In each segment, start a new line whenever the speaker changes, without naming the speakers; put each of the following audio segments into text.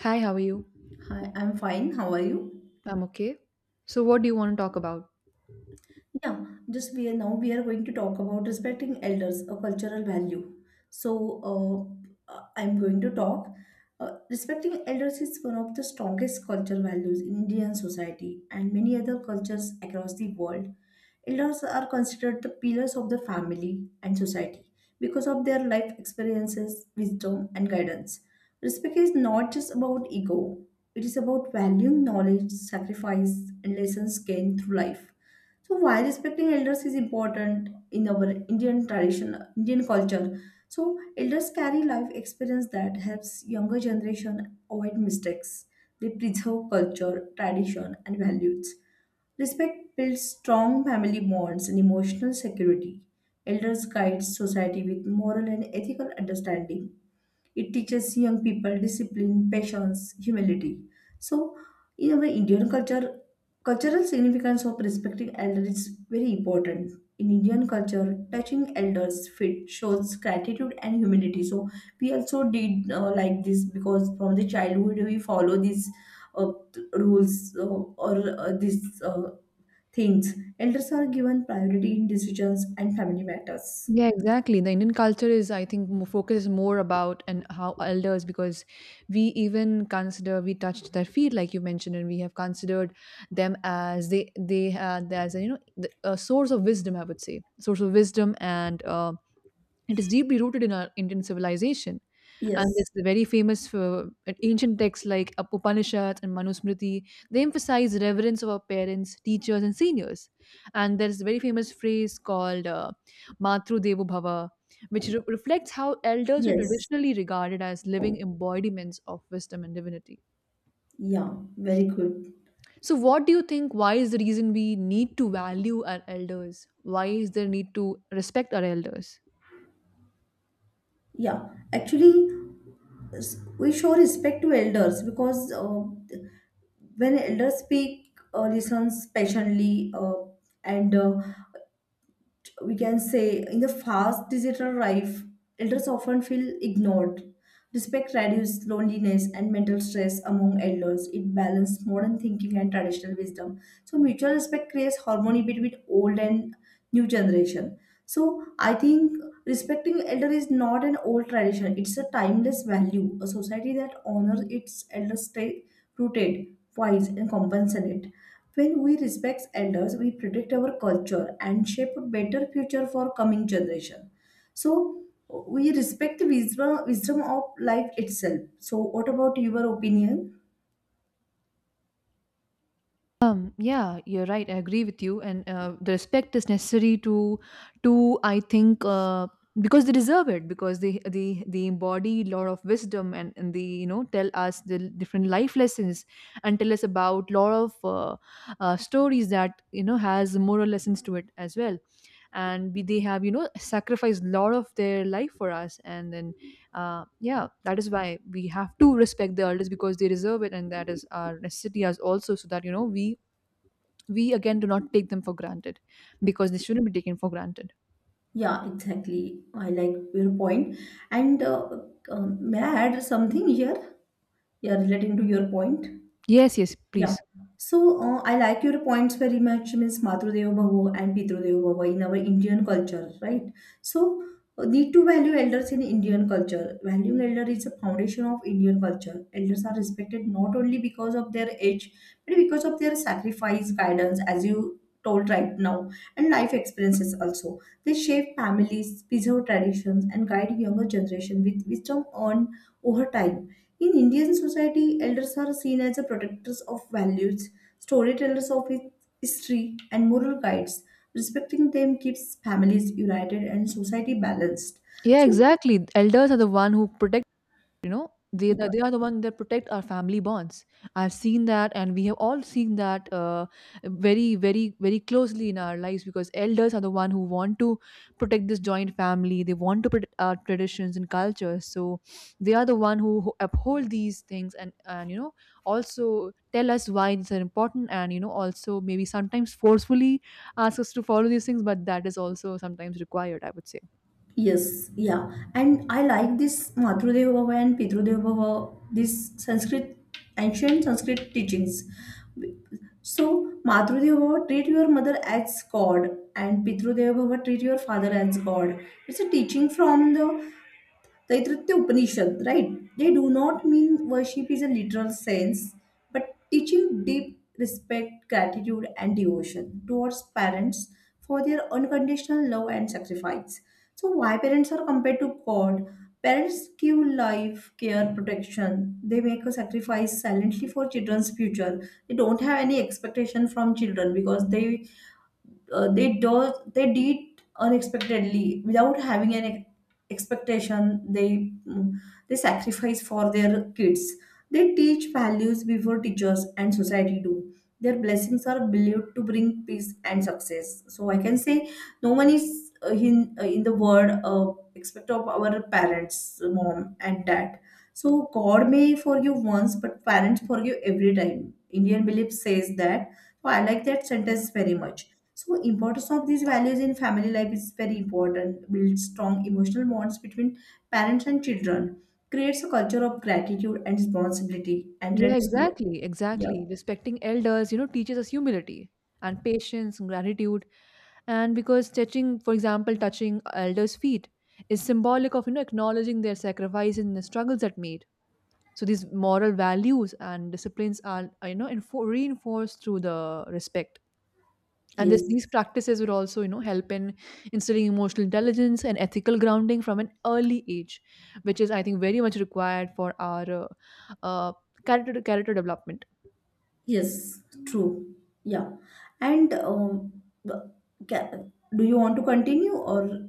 Hi, how are you?
Hi, I'm fine. How are you?
I'm okay. So, what do you want to talk about?
Yeah, just we are now we are going to talk about respecting elders, a cultural value. I'm going to talk. Respecting elders is one of the strongest cultural values in Indian society and many other cultures across the world. Elders are considered the pillars of the family and society because of their life experiences, wisdom, and guidance. Respect is not just about ego, it is about valuing knowledge, sacrifice, and lessons gained through life. So why respecting elders is important in our Indian tradition, Indian culture? So elders carry life experience that helps younger generation avoid mistakes. They preserve culture, tradition, and values. Respect builds strong family bonds and emotional security. Elders guide society with moral and ethical understanding. It teaches young people discipline, patience, humility. So, in our Indian culture, cultural significance of respecting elders is very important. In Indian culture, touching elders' feet shows gratitude and humility. So, we also did like this because from the childhood we follow these rules or these things. Elders are given priority in decisions and family matters.
Yeah, exactly. The Indian culture is, I think, focuses more about and how elders, because we even consider we touched their feet, like you mentioned, and we have considered them as they had as a, you know the, a source of wisdom. I would say source of wisdom, and it is deeply rooted in our Indian civilization. And
Yes.
there's the very famous for ancient texts like Upanishads and Manusmriti. They emphasize reverence of our parents, teachers, and seniors. And there's a very famous phrase called Matru Devo Bhava, which reflects how elders were
Yes.
traditionally regarded as living embodiments of wisdom and divinity.
Yeah. Very good.
So, what do you think? Why is the reason we need to value our elders? Why is there need to respect our elders?
Yeah, actually, we show respect to elders because when elders speak, listens patiently, and we can say in the fast digital life, elders often feel ignored. Respect reduces loneliness and mental stress among elders. It balances modern thinking and traditional wisdom. So mutual respect creates harmony between old and new generation. So I think respecting elder is not an old tradition, it's a timeless value. A society that honors its elders stay rooted, wise, and compassionate. When we respect elders, we protect our culture and shape a better future for coming generation. So we respect the wisdom, wisdom of life itself. So what about your opinion?
Yeah, you're right. I agree with you, and the respect is necessary to I think, because they deserve it because they embody lot of wisdom and they you know tell us the different life lessons and tell us about lot of stories that you know has moral lessons to it as well. And we, they have you know sacrificed lot of their life for us, and then yeah, that is why we have to respect the elders because they deserve it, and that is our necessity as also so that you know we again do not take them for granted because they shouldn't be taken for granted.
Yeah, exactly. I like your point. And May I add something here? Yeah, relating to your point.
Yes, yes,
Yeah.
please.
So I like your points very much, Miss Matrudev Bhavo and Pitrudeva Bhavo in our Indian culture, right? So Need to value elders in Indian culture. Valuing elder is a foundation of Indian culture. Elders are respected not only because of their age, but because of their sacrifice, guidance, as you told right now, and life experiences also. They shape families, preserve traditions, and guide younger generation with wisdom on over time in Indian society, elders are seen as the protectors of values, storytellers of history, and moral guides. Respecting them keeps families united and society balanced.
Yeah,
So,
exactly, elders are the one who protect. You know, they are the one that protect our family bonds. I've seen that, and we have all seen that very, very, very closely in our lives because elders are the one who want to protect this joint family. They want to protect our traditions and cultures. So they are the one who uphold these things and you know also tell us why these are important and you know also maybe sometimes forcefully ask us to follow these things, but that is also sometimes required, I would say.
yes, yeah. And I like this Madhrudeva Bhava and Pitrudeva Bhava, this Sanskrit, ancient Sanskrit teachings. So, Madhrudeva Bhava, treat your mother as God, and Pitrudeva Bhava, treat your father as God. It's a teaching from the Taittiriya Upanishad, right? They do not mean worship is a literal sense, but teaching deep respect, gratitude, and devotion towards parents for their unconditional love and sacrifice. So, why parents are compared to God? Parents give life, care, protection. They make a sacrifice silently for children's future. They don't have any expectation from children because they did unexpectedly without having an expectation, they sacrifice for their kids, they teach values before teachers and society do, their blessings are believed to bring peace and success. So I can say no one is in the world except of our parents, mom and dad. So God may forgive once, but parents forgive every time, Indian belief says that. So I like that sentence very much. So importance of these values in family life is very important. Build strong emotional bonds between parents and children. Creates a culture of gratitude and responsibility and
Yeah,
reduce low.
exactly,
Yeah.
exactly. Respecting elders, you know, teaches us humility and patience and gratitude. And because touching, for example, touching elders' feet is symbolic of, you know, acknowledging their sacrifice and the struggles that made. So these moral values and disciplines are, you know, reinforced through the respect. And this,
Yes.
these practices would also, you know, help in instilling emotional intelligence and ethical grounding from an early age, which is, I think, very much required for our uh, character development.
Yes. True. Yeah. And um, the- ca- do you want to continue or?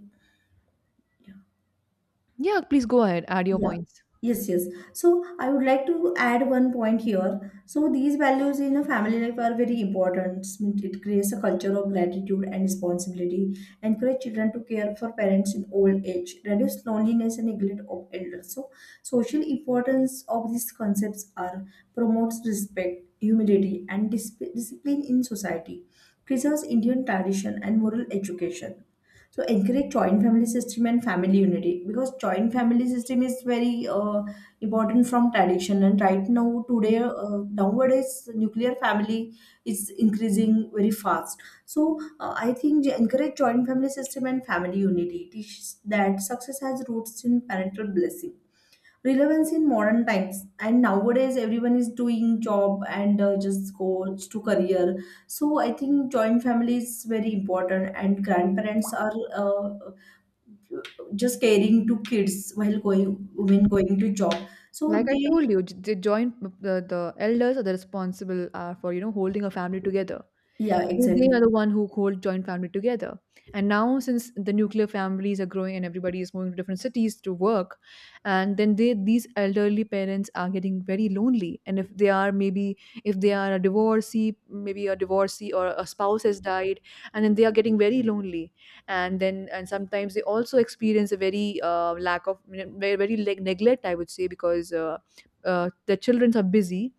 Yeah, please go ahead. Add your
Yeah.
points.
Yes, yes. So I would like to add one point here. So these values in a family life are very important. It creates a culture of gratitude and responsibility, encourage children to care for parents in old age, reduce loneliness and neglect of elders. So social importance of these concepts are promotes respect, humility, and discipline in society, preserves Indian tradition and moral education, so encourage joint family system and family unity because joint family system is very important from tradition, and right now today, nowadays nuclear family is increasing very fast. So I think encourage joint family system and family unity. It teaches that success has roots in parental blessing, relevance in modern times, and nowadays everyone is doing job and just goes to career. So I think joint family is very important and grandparents are uh, just caring to kids while going, women going to job. So
Like I told
they
you, the joint the elders are the responsible for you know holding a family together.
yeah
They
exactly.
are the one who hold joint family together. And now, since the nuclear families are growing and everybody is moving to different cities to work, and then they these elderly parents are getting very lonely. And if they are maybe if they are a divorcee, maybe a divorcee or a spouse has died, and then they are getting very lonely and then and sometimes they also experience a very lack of very, very leg neglect I would say because the children are busy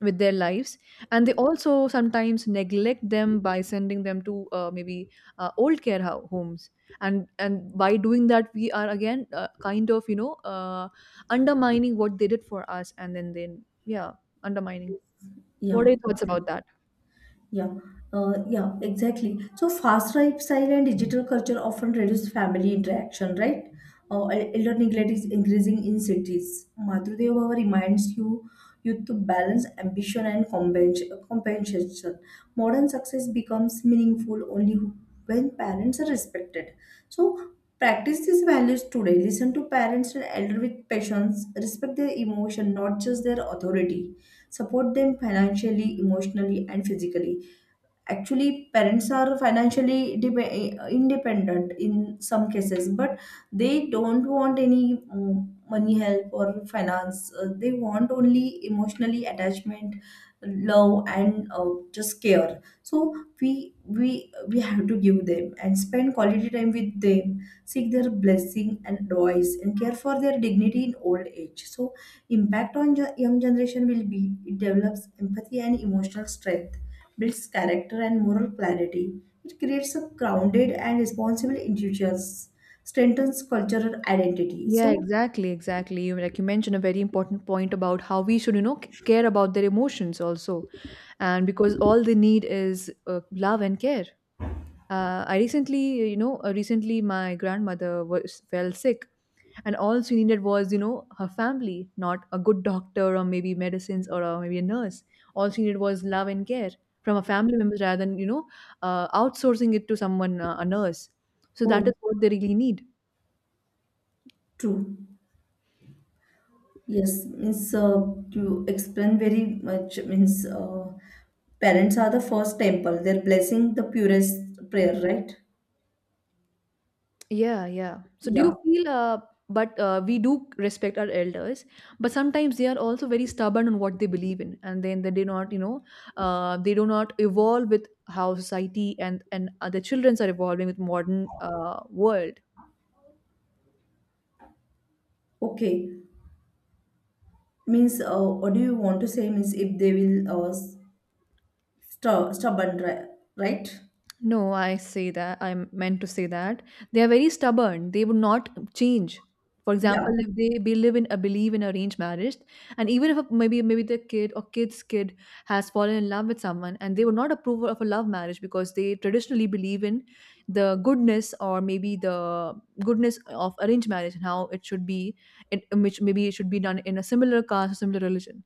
with their lives and they also sometimes neglect them by sending them to maybe old care homes and by doing that we are again kind of you know undermining what they did for us and then yeah undermining.
Yeah,
What are your thoughts about
exactly.
that?
Yeah, yeah, exactly. So fast lifestyle and digital culture often reduce family interaction, right? Elder neglect is increasing in cities. Madhudev Bhava reminds you to balance ambition and compensation. Modern success becomes meaningful only when parents are respected. So practice these values today. Listen to parents and elder with patience. Respect their emotion, not just their authority, support them financially, emotionally, and physically. Actually, parents are financially independent in some cases, but they don't want any money help or finance, they want only emotionally attachment, love, and just care. So we have to give them and spend quality time with them, seek their blessing and advice, and care for their dignity in old age. So impact on young generation will be it develops empathy and emotional strength, builds character and moral clarity, it creates a grounded and responsible individuals, strengthens cultural identity.
Yeah,
So,
exactly, exactly. You- Like you mentioned, a very important point about how we should, you know, care about their emotions also, and because all they need is love and care. I recently, you know, recently my grandmother was fell sick, and all she needed was, you know, her family, not a good doctor or maybe medicines or maybe a nurse. All she needed was love and care from a family member rather than, you know, outsourcing it to someone, a nurse. So that
oh,
is what they really need.
true. Yes, means you explain very much. Means parents are the first temple. They're blessing the purest prayer, right?
Yeah, yeah. So do
Yeah.
you feel, but we do respect our elders, but sometimes they are also very stubborn on what they believe in, and then they do not, you know, they do not evolve with how society and other childrens are evolving with modern world.
Okay. Means what do you want to say? Means if they will stubborn, right?
No, I say that. I meant to say that they are very stubborn. They would not change. For
Yeah.
example, if they believe in a believe in arranged marriage, and even if a, maybe their kid or kid's kid has fallen in love with someone, and they would not approve of a love marriage because they traditionally believe in the goodness or maybe the goodness of arranged marriage and how it should be, in which maybe it should be done in a similar caste, or similar religion.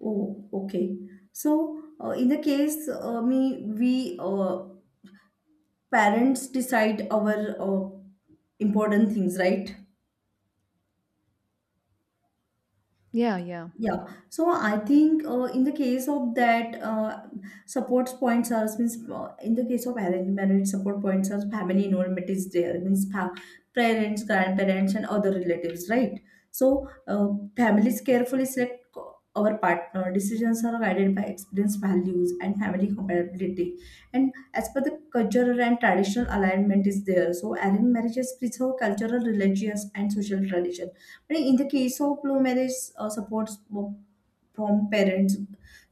Oh, okay. So, in the case, me, we parents decide our uh, important things, right?
Yeah, yeah.
Yeah, so I think in the case of that, support points serves means in the case of arranged marriage, support points serves family involvement is there means parents, grandparents, and other relatives, right? So uh, Families carefully select our partner. Decisions are guided by experience, values, and family compatibility. And as per the cultural and traditional alignment is there, so arranged marriages preserve cultural, religious, and social tradition. Right, in the case of blue marriage supports from parents,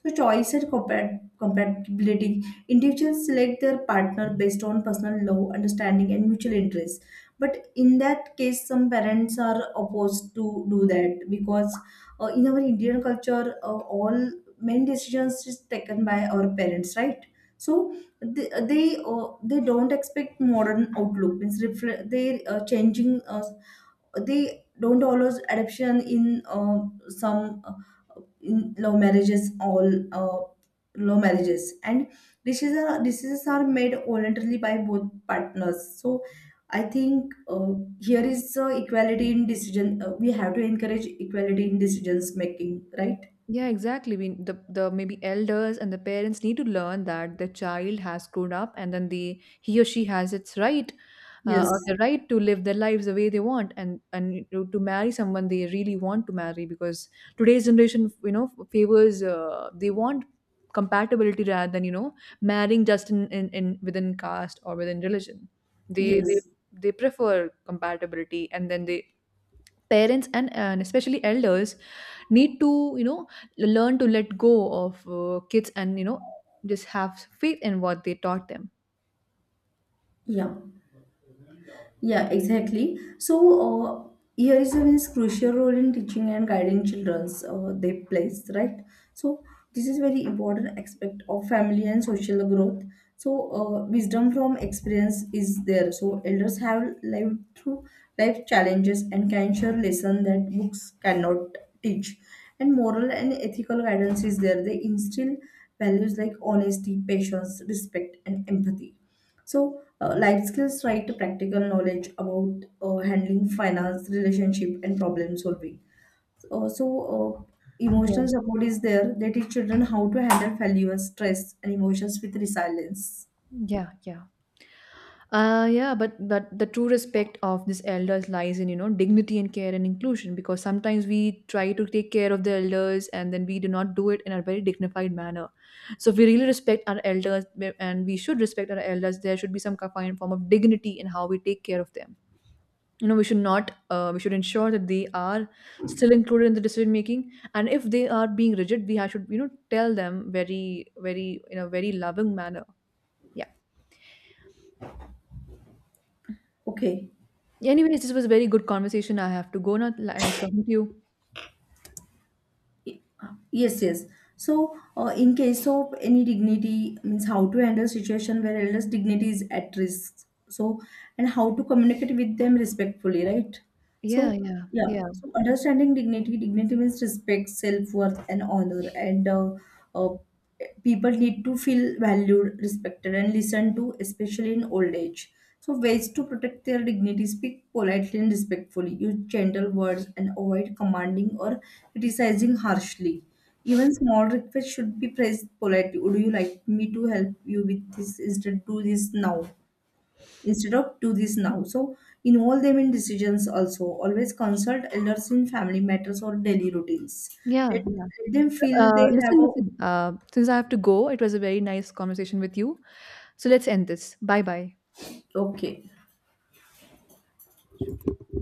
so choice and compatibility. Individuals select their partner based on personal love, understanding, and mutual interest. But in that case, some parents are opposed to do that because in our Indian culture, all main decisions is taken by our parents, right? So they don't expect modern outlook. Means they changing, they don't allow adoption in some in love marriages, all love marriages, and decisions are made voluntarily by both partners. So I think here is equality in decision, we have to encourage equality in decisions making, right?
Yeah, exactly. We, the maybe elders and the parents need to learn that the child has grown up, and then the he or she has its right, or
Yes,
the right to live their lives the way they want, and to marry someone they really want to marry. Because today's generation, you know, favors they want compatibility rather than you know marrying just in within caste or within religion. They
yes,
they prefer compatibility, and then they parents and especially elders need to you know learn to let go of kids and you know just have faith in what they taught them.
yeah. Yeah, exactly. So, here is a means crucial role in teaching and guiding childrens they plays, right? So, this is very important aspect of family and social growth. So, wisdom from experience is there. So, elders have lived through life challenges and can share lesson that books cannot teach. And moral and ethical guidance is there. They instill values like honesty, patience, respect, and empathy. So, life skills, right, to practical knowledge about handling finance, relationship, and problem solving. Uh, so, uh,
Yeah.
Emotional support is there. They teach children how to handle failure, stress, and emotions with resilience.
Yeah, yeah, uh, yeah, but the true respect of these elders lies in you know dignity and care and inclusion because sometimes we try to take care of the elders and then we do not do it in a very dignified manner. So if we really respect our elders and we should respect our elders there should be some kind of form of dignity in how we take care of them. You know, we should not we should ensure that they are still included in the decision making. And if they are being rigid should you know tell them very very in a very loving manner. Yeah.
Okay.
Anyways, this was a very good conversation. I have to go now and I talking to you.
Yes, yes. So, in case of any dignity, means how to handle situation where elders' dignity is at risk. So, and how to communicate with them respectfully, right?
Yeah,
So,
yeah,
yeah.
yeah,
So, understanding dignity, dignity means respect, self worth, and honor, and uh, people need to feel valued, respected, and listened to, especially in old age. So, ways to protect their dignity speak politely and respectfully, use gentle words, and avoid commanding or criticizing harshly. Even small requests should be phrased politely. Would you like me to help you with this instead? Do this now instead of do this now. So, involve them in decisions also. Always consult elders in family matters or daily routines.
yeah,
Let,
yeah.
let them feel they have
Listen
a
listen since I have to go it was a very nice conversation with you. So let's end this. Bye bye.
okay.